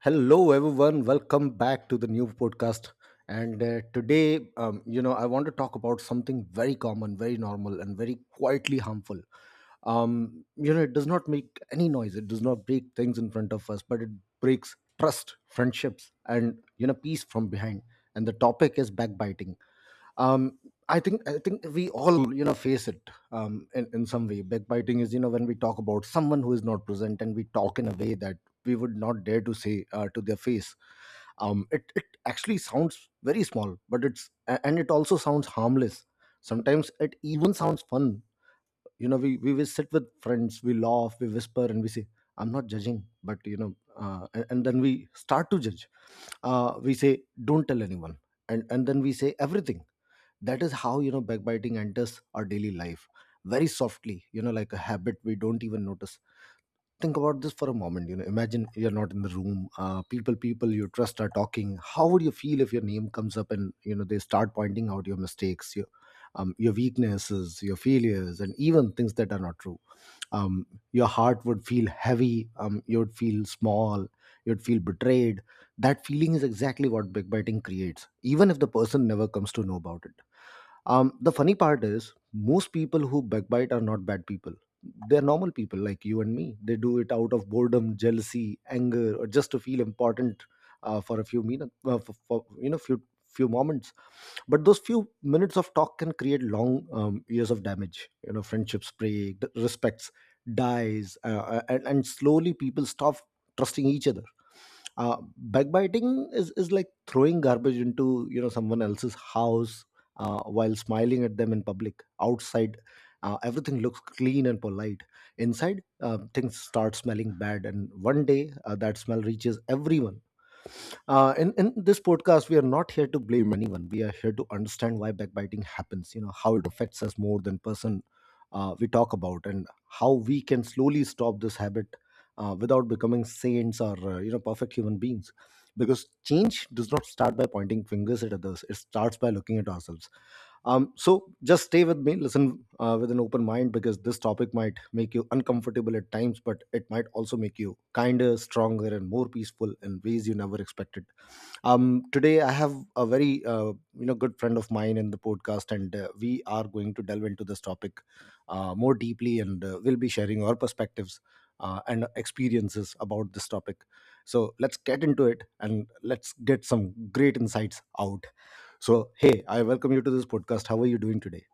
Hello, everyone. Welcome back to the new podcast. And today, I want to talk about something very common, very normal, and very quietly harmful. It does not make any noise, it does not break things in front of us, but it breaks trust, friendships, and, peace from behind. And the topic is backbiting. Um, I think we all face it, in some way. Backbiting is, when we talk about someone who is not present and we talk in a way that we would not dare to say to their face. It actually sounds very small, but it's a- and it also sounds harmless. Sometimes it even sounds fun. You know, we will sit with friends, we laugh, we whisper, and we say, "I'm not judging," but you know and then we start to judge. We say, "Don't tell anyone," and then we say everything. That is how, backbiting enters our daily life, very softly, like a habit we don't even notice. Think about this for a moment. You know, imagine you're not in the room. People you trust are talking. How would you feel if your name comes up and, they start pointing out your mistakes, your weaknesses, your failures, and even things that are not true? Your heart would feel heavy. You would feel small, you'd feel betrayed. That feeling is exactly what backbiting creates, even if the person never comes to know about it. The funny part is, most people who backbite are not bad people. They're normal people like you and me. They do it out of boredom, jealousy, anger, or just to feel important for a few minutes, for few moments. But those few minutes of talk can create long, years of damage. You know, friendships break, respects dies, and slowly people stop trusting each other. Backbiting is like throwing garbage into, someone else's house, while smiling at them in public. Outside, everything looks clean and polite. Inside, things start smelling bad, and one day that smell reaches everyone. In this podcast, we are not here to blame anyone. We are here to understand why backbiting happens, how it affects us more than person we talk about, and how we can slowly stop this habit without becoming saints or, perfect human beings. Because change does not start by pointing fingers at others, it starts by looking at ourselves. So just stay with me, listen with an open mind, because this topic might make you uncomfortable at times, but it might also make you kinder, stronger, and more peaceful in ways you never expected. Today, I have a very good friend of mine in the podcast, and we are going to delve into this topic more deeply, and we'll be sharing our perspectives and experiences about this topic. So let's get into it, and let's get some great insights out. So, hey, I welcome you to this podcast. How are you doing today?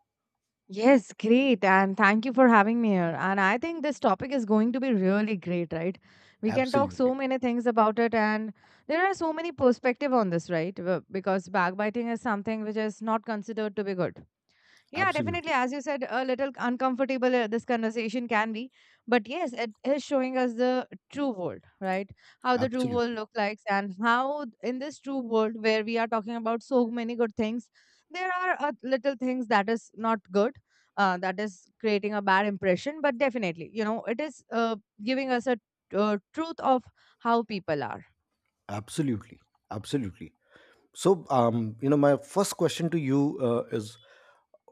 Yes, great. And thank you for having me here. And I think this topic is going to be really great, right? We can talk so Absolutely. many things about it and there are so many perspective on this, right? Because backbiting is something which is not considered to be good. Yeah, definitely. Absolutely. As you said, a little uncomfortable this conversation can be, but yes, it is showing us the true world, right? How the true world Absolutely. looks like, and how in this true world where we are talking about so many good things, there are little things that is not good, that is creating a bad impression. But definitely, you know, it is giving us a truth of how people are. Absolutely. Absolutely. So, my first question to you is,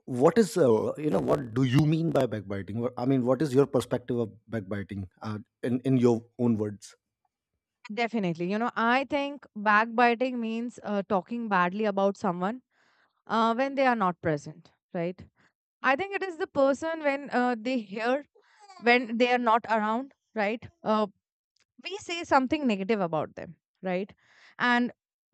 what is, what do you mean by backbiting? I mean, what is your perspective of backbiting, in, your own words? Definitely. You know, I think backbiting means talking badly about someone when they are not present, right? I think it is the person when they hear, when they are not around, right? We say something negative about them, right? And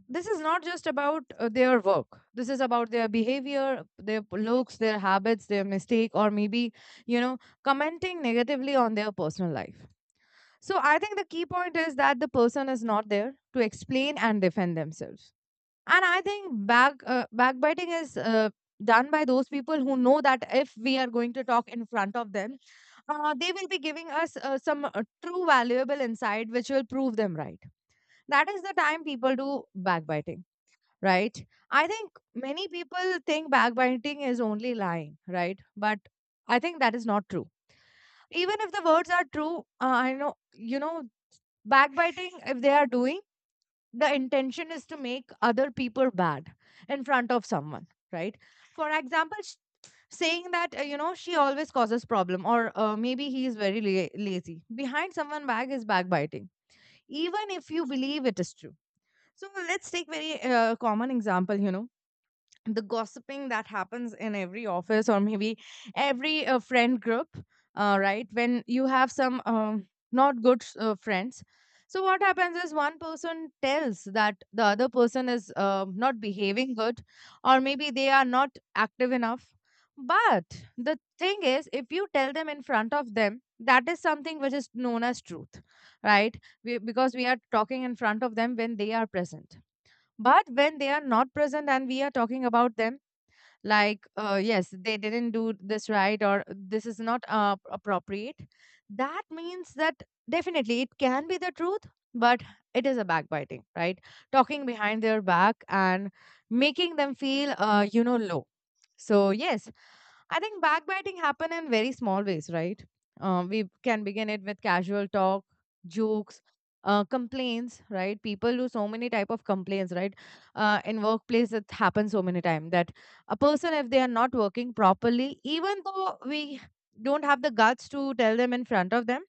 this is not just about their work. This is about their behavior, their looks, their habits, their mistake, or maybe, you know, commenting negatively on their personal life. So I think the key point is that the person is not there to explain and defend themselves. And I think backbiting is done by those people who know that if we are going to talk in front of them, they will be giving us some true valuable insight which will prove them right. That is the time people do backbiting, right? I think many people think backbiting is only lying, right? But I think that is not true even if the words are true. I know. Backbiting, if they are doing, the intention is to make other people bad in front of someone, right? For example, saying that, you know, she always causes problem, or maybe he is very lazy, behind someone back is backbiting, even if you believe it is true. So let's take very common example, you know, the gossiping that happens in every office, or maybe every friend group, right? When you have some not good friends, so what happens is one person tells that the other person is not behaving good or maybe they are not active enough. But the thing is, if you tell them in front of them, that is something which is known as truth, right? Because we are talking in front of them when they are present. But when they are not present and we are talking about them like, yes, they didn't do this right, or this is not appropriate, that means that definitely it can be the truth, but it is a backbiting, right? Talking behind their back and making them feel you know, low. So yes, I think backbiting happen in very small ways, right? We can begin it with casual talk, jokes, complaints, right? People do so many type of complaints, right? In workplace, it happens so many time that a person, if they are not working properly, even though we don't have the guts to tell them in front of them,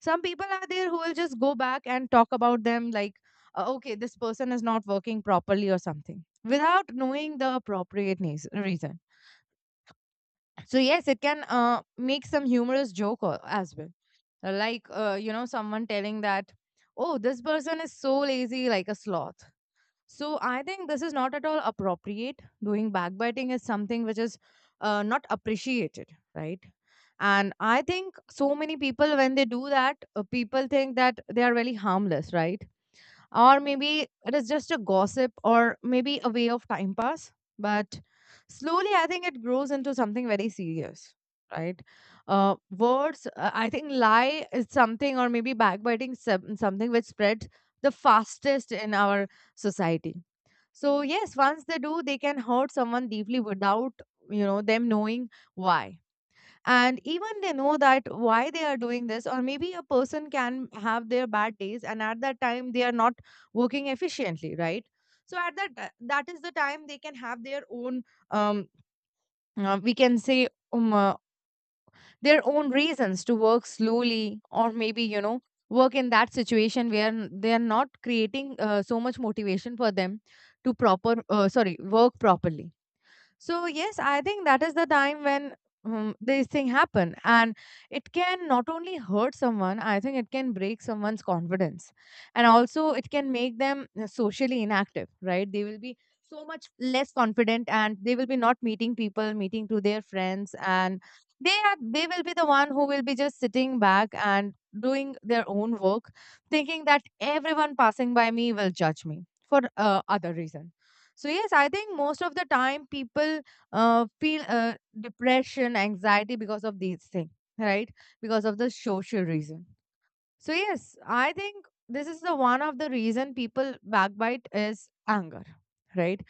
some people are there who will just go back and talk about them like, okay, this person is not working properly, or something, without knowing the appropriate reason. So yes, it can make some humorous joke as well. Like you know, someone telling that, "Oh, this person is so lazy, like a sloth." So I think this is not at all appropriate. Doing backbiting is something which is not appreciated, right? And I think so many people, when they do that, people think that they are really harmless, right? Or maybe it is just a gossip, or maybe a way of time pass. But slowly, I think it grows into something very serious, right? Words I think lie is something, or maybe backbiting something which spreads the fastest in our society. So yes, once they do, they can hurt someone deeply without, you know, them knowing why. And even they know that why they are doing this, or maybe a person can have their bad days, and at that time they are not working efficiently, right? So at that is the time they can have their own um we can say, um, uh, their own reasons to work slowly, or maybe, you know, work in that situation where they are not creating so much motivation for them to proper sorry work properly. So yes, I think that is the time when these things happen, and it can not only hurt someone. I think it can break someone's confidence, and also it can make them socially inactive. Right? They will be so much less confident, and they will be not meeting people, meeting to their friends, and they will be the one who will be just sitting back and doing their own work, thinking that everyone passing by me will judge me for other reasons. So yes, I think most of the time people feel depression, anxiety because of these things, right? Because of the social reason. So yes, I think this is the one of the reason people backbite is anger, right?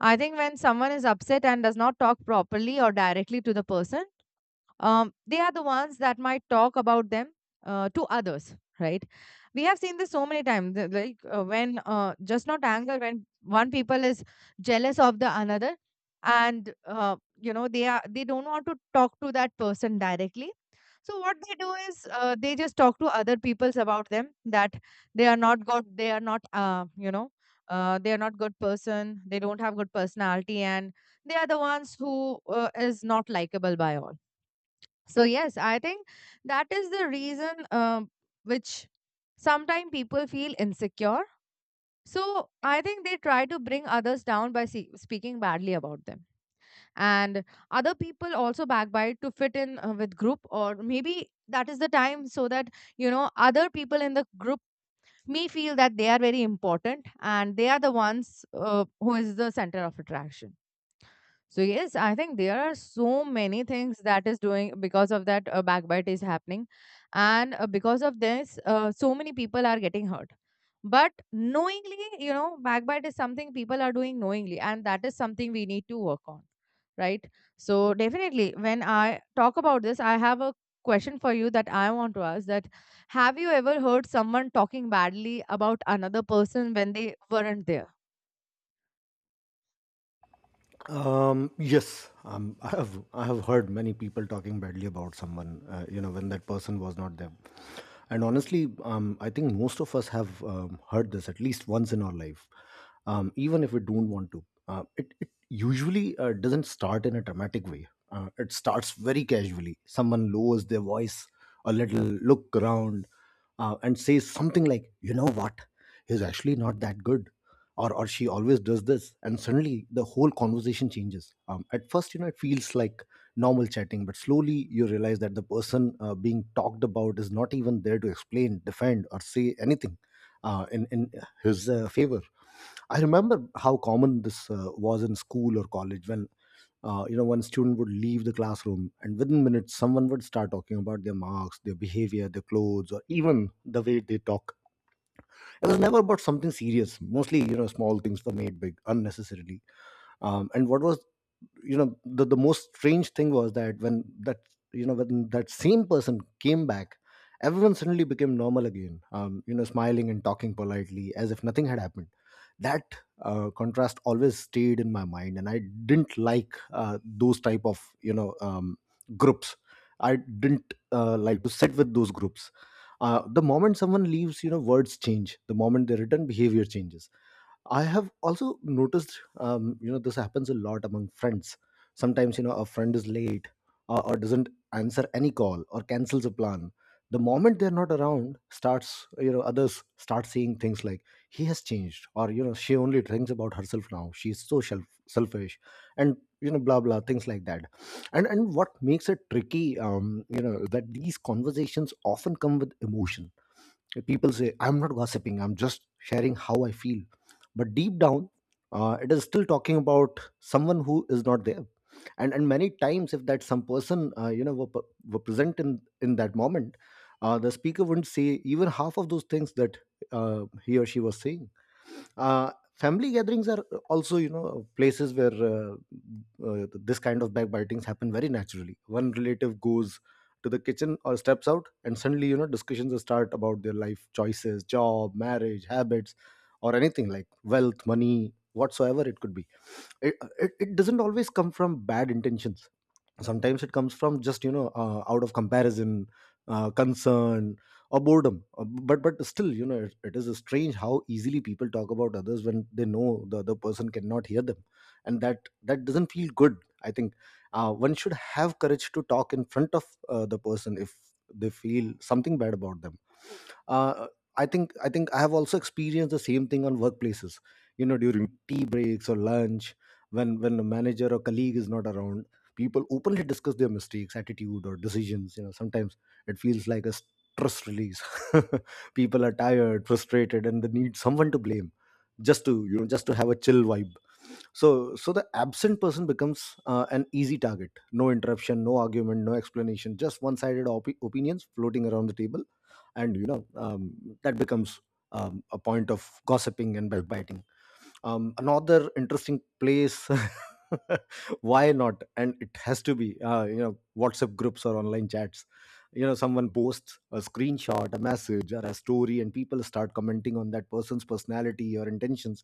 I think when someone is upset and does not talk properly or directly to the person, they are the ones that might talk about them to others, right? We have seen this so many times that, like when just not anger, when one people is jealous of the another, and you know, they don't want to talk to that person directly. So what they do is they just talk to other people's about them that they are not good, they are not, they are not good person, they don't have good personality, and they are the ones who is not likable by all. So yes, I think that is the reason which sometimes people feel insecure. So I think they try to bring others down by speaking badly about them, and other people also backbite to fit in with group, or maybe that is the time so that, you know, other people in the group may feel that they are very important, and they are the ones who is the center of attraction. So yes, I think there are so many things that is doing because of that, backbite is happening, and because of this, so many people are getting hurt. But knowingly, you know, backbite is something people are doing knowingly, and that is something we need to work on, right? So definitely, when I talk about this, I have a question for you that I want to ask: that, have you ever heard someone talking badly about another person when they weren't there? Yes, I have heard many people talking badly about someone, when that person was not them. And honestly, I think most of us have heard this at least once in our life, even if we don't want to. It usually doesn't start in a dramatic way. It starts very casually. Someone lowers their voice a little, look around, and says something like, "You know what? He's actually not that good," or "she always does this," and suddenly the whole conversation changes. At first, you know, it feels like normal chatting, but slowly you realize that the person being talked about is not even there to explain, defend, or say anything in his favor. I remember how common this was in school or college, when one student would leave the classroom, and within minutes, someone would start talking about their marks, their behavior, their clothes, or even the way they talk. It was never about something serious. Mostly, you know, small things were made big unnecessarily. And what was, the most strange thing was that when that same person came back, everyone suddenly became normal again, you know, smiling and talking politely, as if nothing had happened. That contrast always stayed in my mind, and I didn't like those type of, groups. I didn't like to sit with those groups. The moment someone leaves, you know, words change. The moment they return, behavior changes. I have also noticed, this happens a lot among friends. Sometimes, you know, a friend is late, or doesn't answer any call, or cancels a plan. The moment they're not around, starts, others start seeing things like, "He has changed," or, you know, "She only thinks about herself now. She's so selfish," and, blah, blah, things like that. And what makes it tricky, that these conversations often come with emotion. People say, "I'm not gossiping, I'm just sharing how I feel," but deep down, it is still talking about someone who is not there. And many times, if that some person, were, were present in that moment, the speaker wouldn't say even half of those things that he or she was saying. Family gatherings are also, you know, places where this kind of backbitings happen very naturally. One relative goes to the kitchen or steps out, and suddenly, you know, discussions start about their life choices, job, marriage, habits, or anything like wealth, money, whatsoever it could be. It doesn't always come from bad intentions. Sometimes it comes from just, out of comparison, concern, or boredom. But still, you know, it is strange how easily people talk about others when they know the other person cannot hear them. And that doesn't feel good. I think one should have courage to talk in front of the person if they feel something bad about them. Uh, i think i think I have also experienced the same thing on workplaces, you know, during tea breaks or lunch, when a manager or colleague is not around, people openly discuss their mistakes, attitude, or decisions. You know, sometimes it feels like a stress release. People are tired, frustrated, and they need someone to blame, just to, just to have a chill vibe. So the absent person becomes an easy target. No interruption, no argument, no explanation, just one sided opinions floating around the table. And, that becomes, a point of gossiping and backbiting. Another interesting place, why not, and it has to be, WhatsApp groups or online chats. You know, someone posts a screenshot, a message, or a story, and people start commenting on that person's personality or intentions.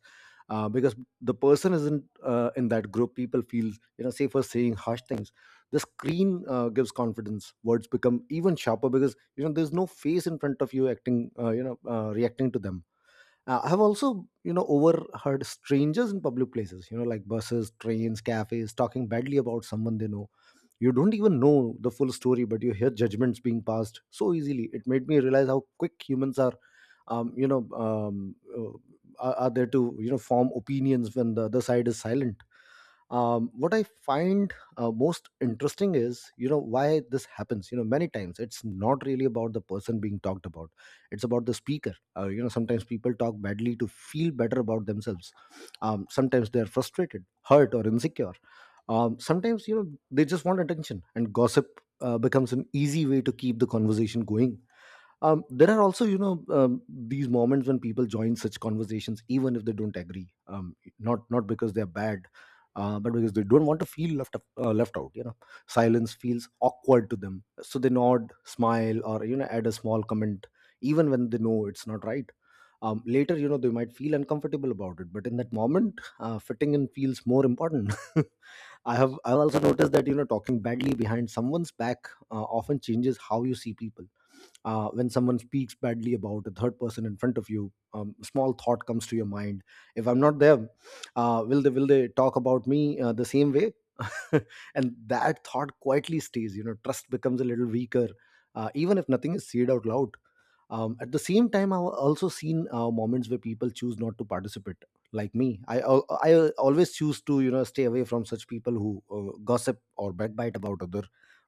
Because the person isn't in that group, people feel, you know, safer saying harsh things. The screen gives confidence, words become even sharper, because, you know, there's no face in front of you acting you know reacting to them. I have also, you know, overheard strangers in public places, you know, like buses, trains, cafes, talking badly about someone they know. You don't even know the full story, but you hear judgments being passed so easily. It made me realize how quick humans are, are there to, form opinions when the other side is silent. Um, what I find most interesting is, you know, why this happens. You know, many times it's not really about the person being talked about, it's about the speaker. You know, sometimes people talk badly to feel better about themselves. Um, sometimes they're frustrated, hurt, or insecure. Um, sometimes, you know, they just want attention, and gossip becomes an easy way to keep the conversation going. Um, there are also, you know, these moments when people join such conversations even if they don't agree, not because they're bad, but because they don't want to feel left out, you know. Silence feels awkward to them, so they nod, smile, or, you know, add a small comment, even when they know it's not right. Later, you know, they might feel uncomfortable about it, but in that moment fitting in feels more important. I have also noticed that, you know, talking badly behind someone's back often changes how you see people. Uh, when someone speaks badly about a third person in front of you, small thought comes to your mind. If I'm not there, will they talk about me the same way? And that thought quietly stays. You know, trust becomes a little weaker, even if nothing is said out loud. Um, at the same time, I've also seen moments where people choose not to participate. Like me, I always choose to, you know, stay away from such people who gossip or backbite about other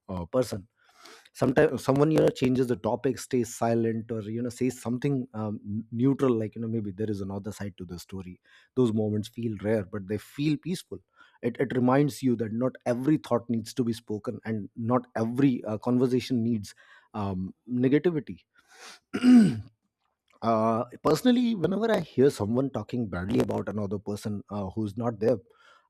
person. Sometimes someone, you know, changes the topic, stays silent, or, you know, says something neutral, like, you know, maybe there is another side to the story. Those moments feel rare, but they feel peaceful. It reminds you that not every thought needs to be spoken, and not every conversation needs negativity. Uh, personally, whenever I hear someone talking badly about another person who's not there,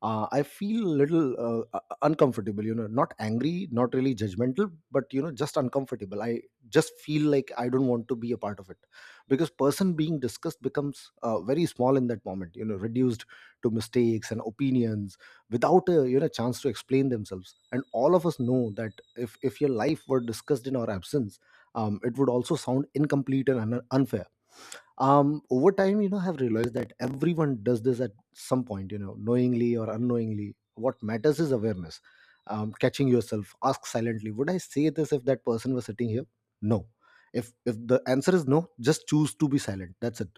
I feel a little uncomfortable. You know, not angry, not really judgmental, but, you know, just uncomfortable. I just feel like I don't want to be a part of it, because person being discussed becomes very small in that moment, you know, reduced to mistakes and opinions without a, you know, chance to explain themselves. And all of us know that if your life were discussed in our absence, it would also sound incomplete and unfair. Um over time, you know, I've realized that everyone does this at some point, you know, knowingly or unknowingly. What matters is awareness, catching yourself, ask silently, would I say this if that person was sitting here? No. If the answer is no, just choose to be silent, that's it.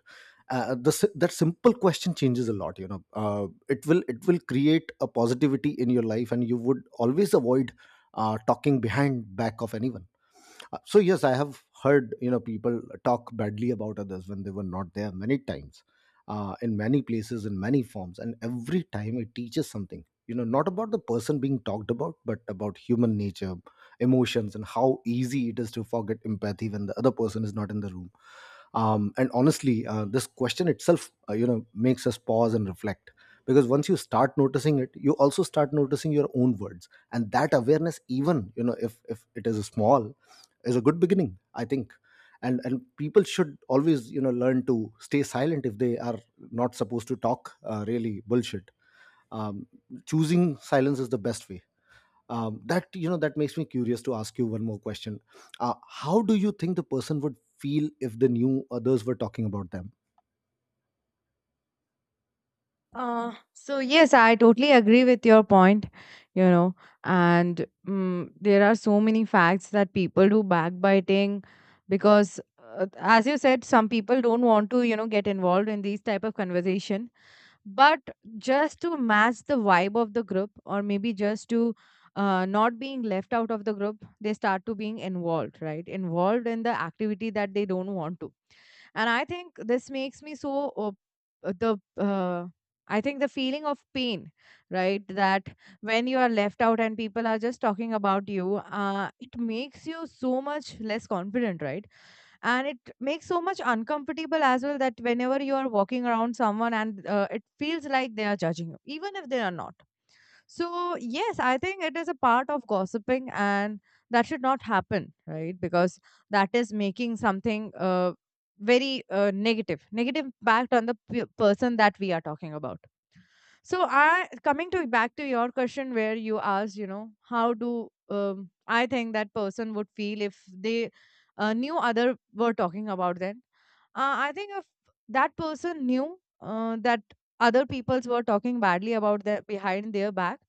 Uh, the, si- that simple question changes a lot, you know. It will create a positivity in your life, and you would always avoid talking behind back of anyone. Uh, So yes, I have heard, you know, people talk badly about others when they were not there many times, in many places, in many forms, and every time it teaches something. You know, not about the person being talked about, but about human nature, emotions, and how easy it is to forget empathy when the other person is not in the room. And honestly, this question itself, you know, makes us pause and reflect, because once you start noticing it, you also start noticing your own words, and that awareness, even, you know, if it is small, is a good beginning, I think. And people should always, you know, learn to stay silent if they are not supposed to talk really bullshit. Um, Choosing silence is the best way. That, you know, that makes me curious to ask you one more question. How do you think the person would feel if they knew others were talking about them? So yes, I totally agree with your point, you know, and there are so many facts that people do backbiting because, as you said, some people don't want to, you know, get involved in these type of conversation, but just to match the vibe of the group, or maybe just to not being left out of the group, they start to being involved, right? Involved in the activity that they don't want to. And I think this makes me so the I think the feeling of pain, right? That when you are left out and people are just talking about you, it makes you so much less confident, right? And it makes so much uncomfortable as well, that whenever you are walking around someone, and it feels like they are judging you, even if they are not. So yes, I think it is a part of gossiping, and that should not happen, right? Because that is making something very negative impact on the person that we are talking about. So I coming to back to your question where you asked, you know, how do I think that person would feel if they knew other were talking about them? I think if that person knew that other peoples were talking badly about their behind their back,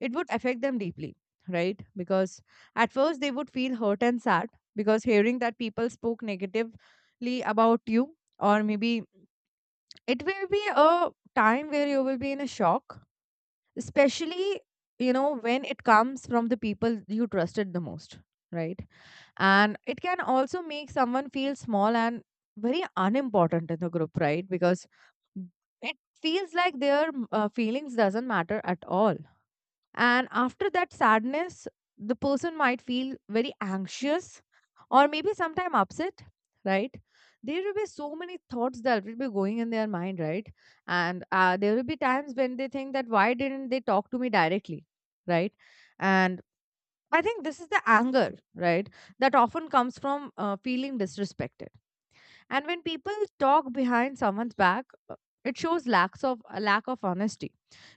it would affect them deeply, right? Because at first they would feel hurt and sad because hearing that people spoke negatively about you, or maybe it will be a time where you will be in a shock, especially you know when it comes from the people you trusted the most, right? And it can also make someone feel small and very unimportant in the group, right? Because it feels like their feelings doesn't matter at all. And after that sadness, the person might feel very anxious or maybe sometime upset, right? There will be so many thoughts that will be going in their mind, right? And there will be times when they think that why didn't they talk to me directly, right? And I think this is the anger, right, that often comes from feeling disrespected. And when people talk behind someone's back, it shows lacks of a lack of honesty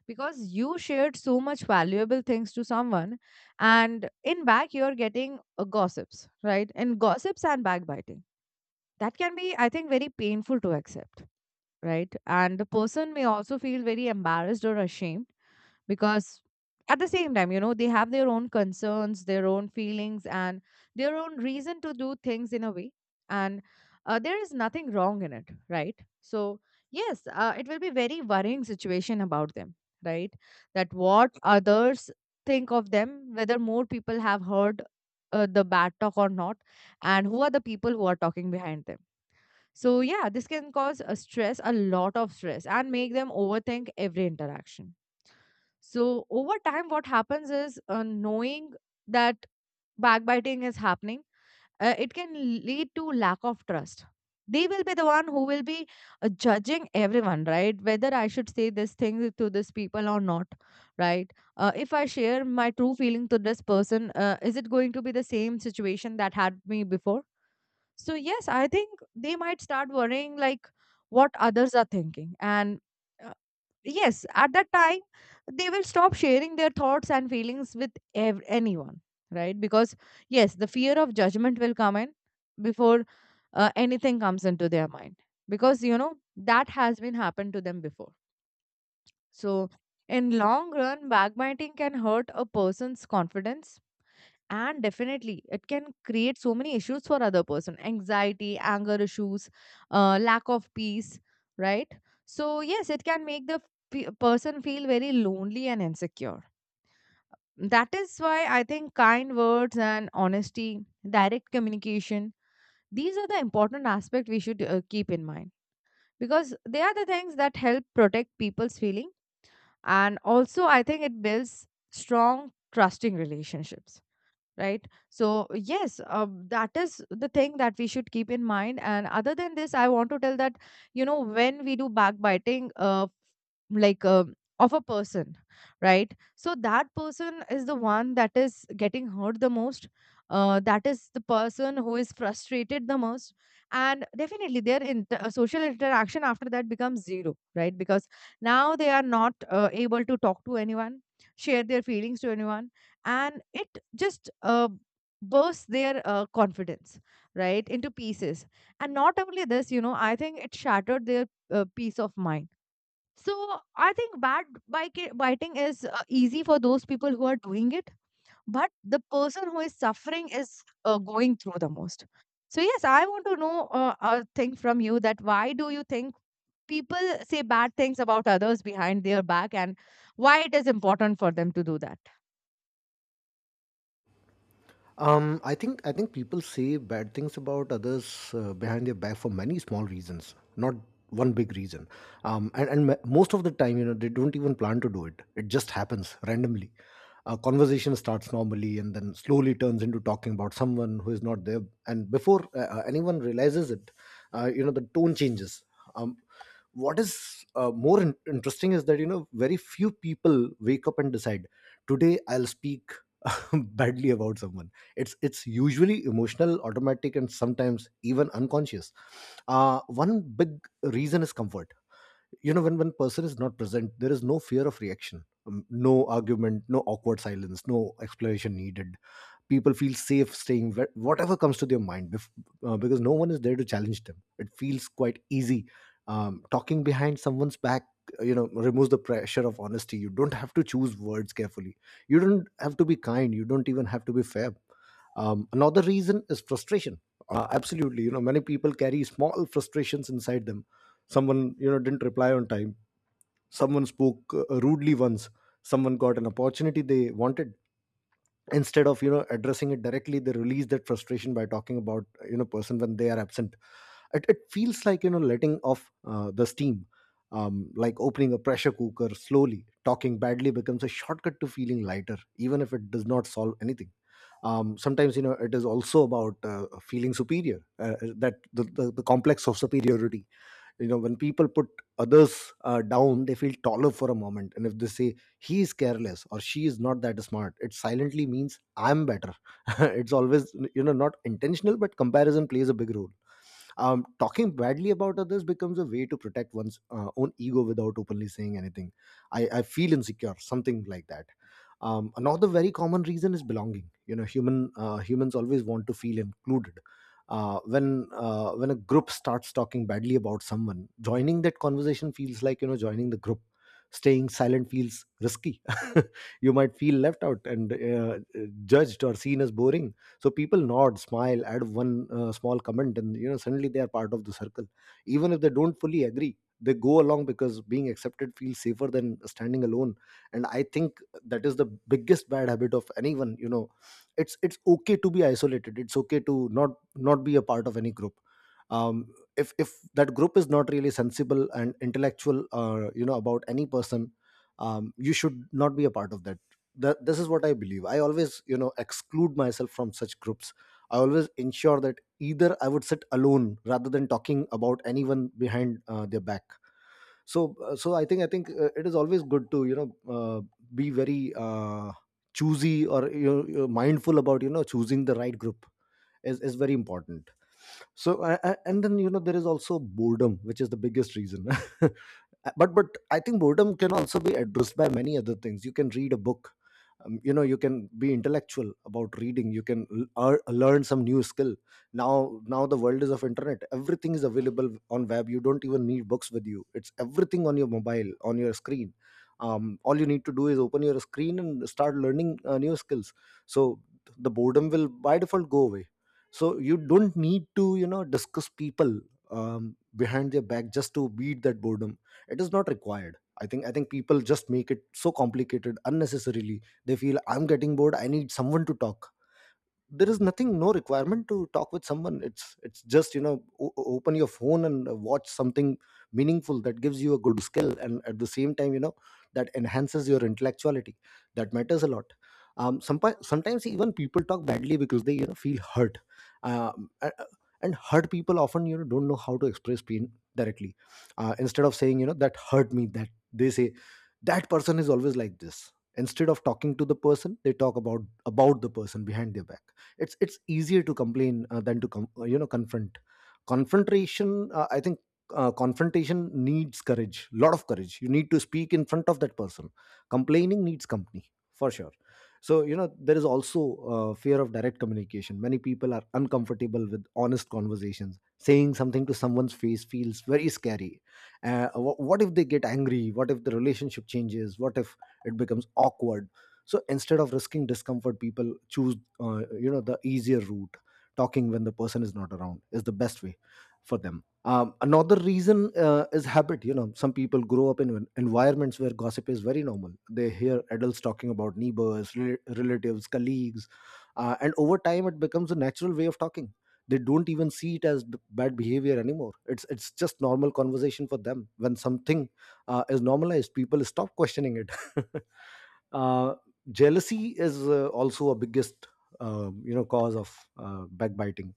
because you shared so much valuable things to someone, and in back you're getting gossips, right? And gossips and backbiting. That can be, I think, very painful to accept, right? And the person may also feel very embarrassed or ashamed because at the same time, you know, they have their own concerns, their own feelings, and their own reason to do things in a way. And there is nothing wrong in it, right? So yes, it will be very worrying situation about them, right? That what others think of them, whether more people have heard the bad talk or not, and who are the people who are talking behind them. So, yeah, this can cause a stress, a lot of stress, and make them overthink every interaction. So, over time, what happens is, knowing that backbiting is happening, it can lead to lack of trust. They will be the one who will be judging everyone, right? Whether I should say this thing to this people or not, right? If I share my true feeling to this person, is it going to be the same situation that had me before? So yes, I think they might start worrying like what others are thinking. And uh, yes, at that time, they will stop sharing their thoughts and feelings with anyone, right? Because yes, the fear of judgment will come in before anything comes into their mind. Because you know that has been happened to them before. So in long run, backbiting can hurt a person's confidence, and definitely it can create so many issues for other person: anxiety, anger issues, lack of peace, right? So yes, it can make the person feel very lonely and insecure. That is why I think kind words and honesty, direct communication, these are the important aspect we should keep in mind, because they are the things that help protect people's feeling, and also I think it builds strong trusting relationships, right? So yes, that is the thing that we should keep in mind. And other than this, I want to tell that you know when we do backbiting, like of a person, right? So that person is the one that is getting hurt the most. That is the person who is frustrated the most. And definitely their social interaction after that becomes zero, right? Because now they are not able to talk to anyone, share their feelings to anyone. And it just bursts their confidence right into pieces. And not only this, you know, I think it shattered their peace of mind. So I think bad bike- biting is easy for those people who are doing it, but the person who is suffering is going through the most. So yes, I want to know a thing from you: that why do you think people say bad things about others behind their back, and why it is important for them to do that? I think people say bad things about others behind their back for many small reasons, not one big reason. And m- most of the time, you know, they don't even plan to do it. It just happens randomly. A conversation starts normally and then slowly turns into talking about someone who is not there. And before anyone realizes it, you know, the tone changes. Um, what is more interesting is that, you know, very few people wake up and decide, today I'll speak badly about someone. It's usually emotional, automatic, and sometimes even unconscious. Uh, one big reason is comfort. You know, when one person is not present, there is no fear of reaction. No argument, no awkward silence, no explanation needed. People feel safe saying whatever comes to their mind, because no one is there to challenge them. It feels quite easy. Um, talking behind someone's back, you know, removes the pressure of honesty. You don't have to choose words carefully, you don't have to be kind, you don't even have to be fair. Um, another reason is frustration. Uh, absolutely, you know, many people carry small frustrations inside them. Someone, you know, didn't reply on time, someone spoke rudely once, someone got an opportunity they wanted. Instead of, you know, addressing it directly, they release that frustration by talking about, you know, person when they are absent. It feels like, you know, letting off the steam, like opening a pressure cooker slowly. Talking badly becomes a shortcut to feeling lighter, even if it does not solve anything. Um, sometimes, you know, it is also about feeling superior, the complex of superiority. You know, when people put others down, they feel taller for a moment, and if they say he is careless or she is not that smart, it silently means I'm better. It's always, you know, not intentional, but comparison plays a big role. Um, talking badly about others becomes a way to protect one's own ego without openly saying anything. I feel insecure, something like that. Another very common reason is belonging. You know, humans always want to feel included. When a group starts talking badly about someone, joining that conversation feels like, you know, joining the group. Staying silent feels risky. You might feel left out and judged or seen as boring. So people nod, smile, add one small comment, and, you know, suddenly they are part of the circle. Even if they don't fully agree, they go along because being accepted feels safer than standing alone. And I think that is the biggest bad habit of anyone, you know. It's okay to be isolated, it's okay to not be a part of any group. Um, if if that group is not really sensible and intellectual, you know, about any person, you should not be a part of that. That this is what I believe. I always, you know, exclude myself from such groups. I always ensure that either I would sit alone rather than talking about anyone behind their back. So, so I think it is always good to, you know, uh, be very uh, choosy, or, you know, mindful about, you know, choosing the right group is very important. So, and then, you know, there is also boredom, which is the biggest reason. But I think boredom can also be addressed by many other things. You can read a book, you know, you can be intellectual about reading, you can learn some new skill. Now the world is of internet, everything is available on web. You don't even need books with you, it's everything on your mobile, on your screen. Um, all you need to do is open your screen and start learning new skills. So the boredom will by default go away. So you don't need to, you know, discuss people behind their back just to beat that boredom. It is not required. I think people just make it so complicated unnecessarily. They feel I'm getting bored, I need someone to talk. There is nothing, no requirement to talk with someone. It's just, you know, open your phone and watch something meaningful that gives you a good skill, and at the same time, you know, that enhances your intellectuality. That matters a lot. Sometimes even people talk badly because they, you know, feel hurt. Um, a- and hurt people often, you know, don't know how to express pain directly. Instead of saying, you know, that hurt me, that they say, that person is always like this. Instead of talking to the person, they talk about the person behind their back. It's easier to complain than to you know, confront. Confrontation, I think confrontation needs courage, lot of courage. You need to speak in front of that person. Complaining needs company for sure. So, you know, there is also fear of direct communication. Many people are uncomfortable with honest conversations. Saying something to someone's face feels very scary. What if they get angry, what if the relationship changes, what if it becomes Awkward. So instead of risking discomfort, people choose the easier route. Talking when the person is not around is the best way for them. Another reason is habit. Some people grow up in environments where gossip is very normal. They hear adults talking about neighbors, relatives, colleagues, and over time it becomes a natural way of talking. They don't even see it as bad behavior anymore. It's just normal conversation for them. When something is normalized, people stop questioning it. uh, Jealousy is also a biggest, cause of backbiting,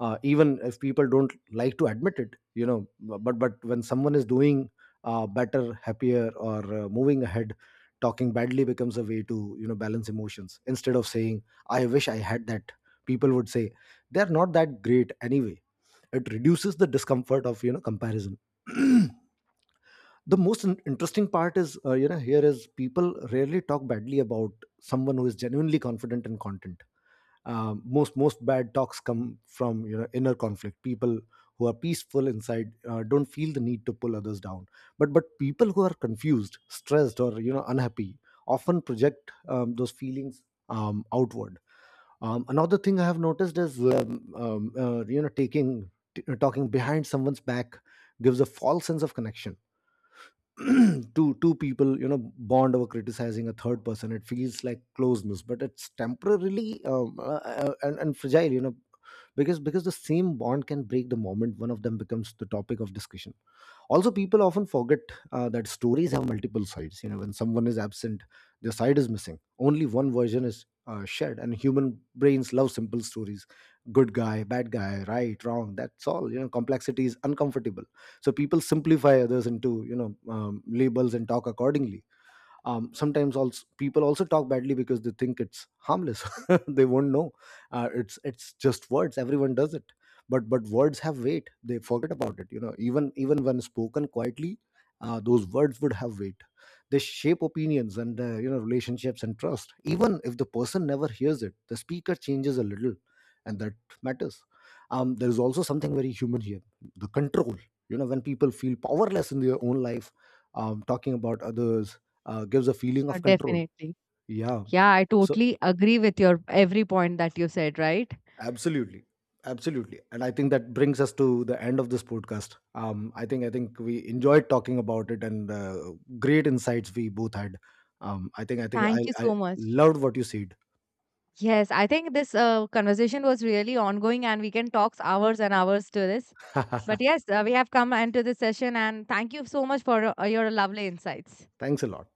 even if people don't like to admit it, but when someone is doing better, happier, or moving ahead, talking badly becomes a way to, balance emotions. Instead of saying, "I wish I had that," people would say, "They're not that great anyway." It reduces the discomfort of, comparison. The most interesting part is, here is people rarely talk badly about someone who is genuinely confident in content. Most bad talks come from, inner conflict. People who are peaceful inside don't feel the need to pull others down, but people who are confused, stressed, or unhappy often project those feelings outward. Another thing I have noticed is taking, talking behind someone's back gives a false sense of connection. Two people, bond over criticizing a third person. It feels like closeness, but it's temporarily and fragile, because the same bond can break the moment one of them becomes the topic of discussion. Also, people often forget that stories have multiple sides. When someone is absent, their side is missing. Only one version is shared, and human brains love simple stories: good guy, bad guy, right, wrong, that's all. Complexity is uncomfortable, so people simplify others into, labels and talk accordingly. Sometimes also people also talk badly because they think it's harmless. They won't know. It's just words, everyone does it. But words have weight, they forget about it, even when spoken quietly, those words would have weight. They shape opinions and, relationships and trust. Even if the person never hears it, the speaker changes a little, and that matters. There is also something very human here: the control. When people feel powerless in their own life, talking about others gives a feeling of control. Definitely. Yeah. Yeah, I So totally agree with your every point that you said, right? absolutely. Absolutely. And I think that brings us to the end of this podcast. I think we enjoyed talking about it, and great insights we both had. Thank you I so much. loved what you said. Yes, I think this conversation was really ongoing and we can talk hours and hours to this. But yes, we have come into this session, and thank you so much for your lovely insights. Thanks a lot.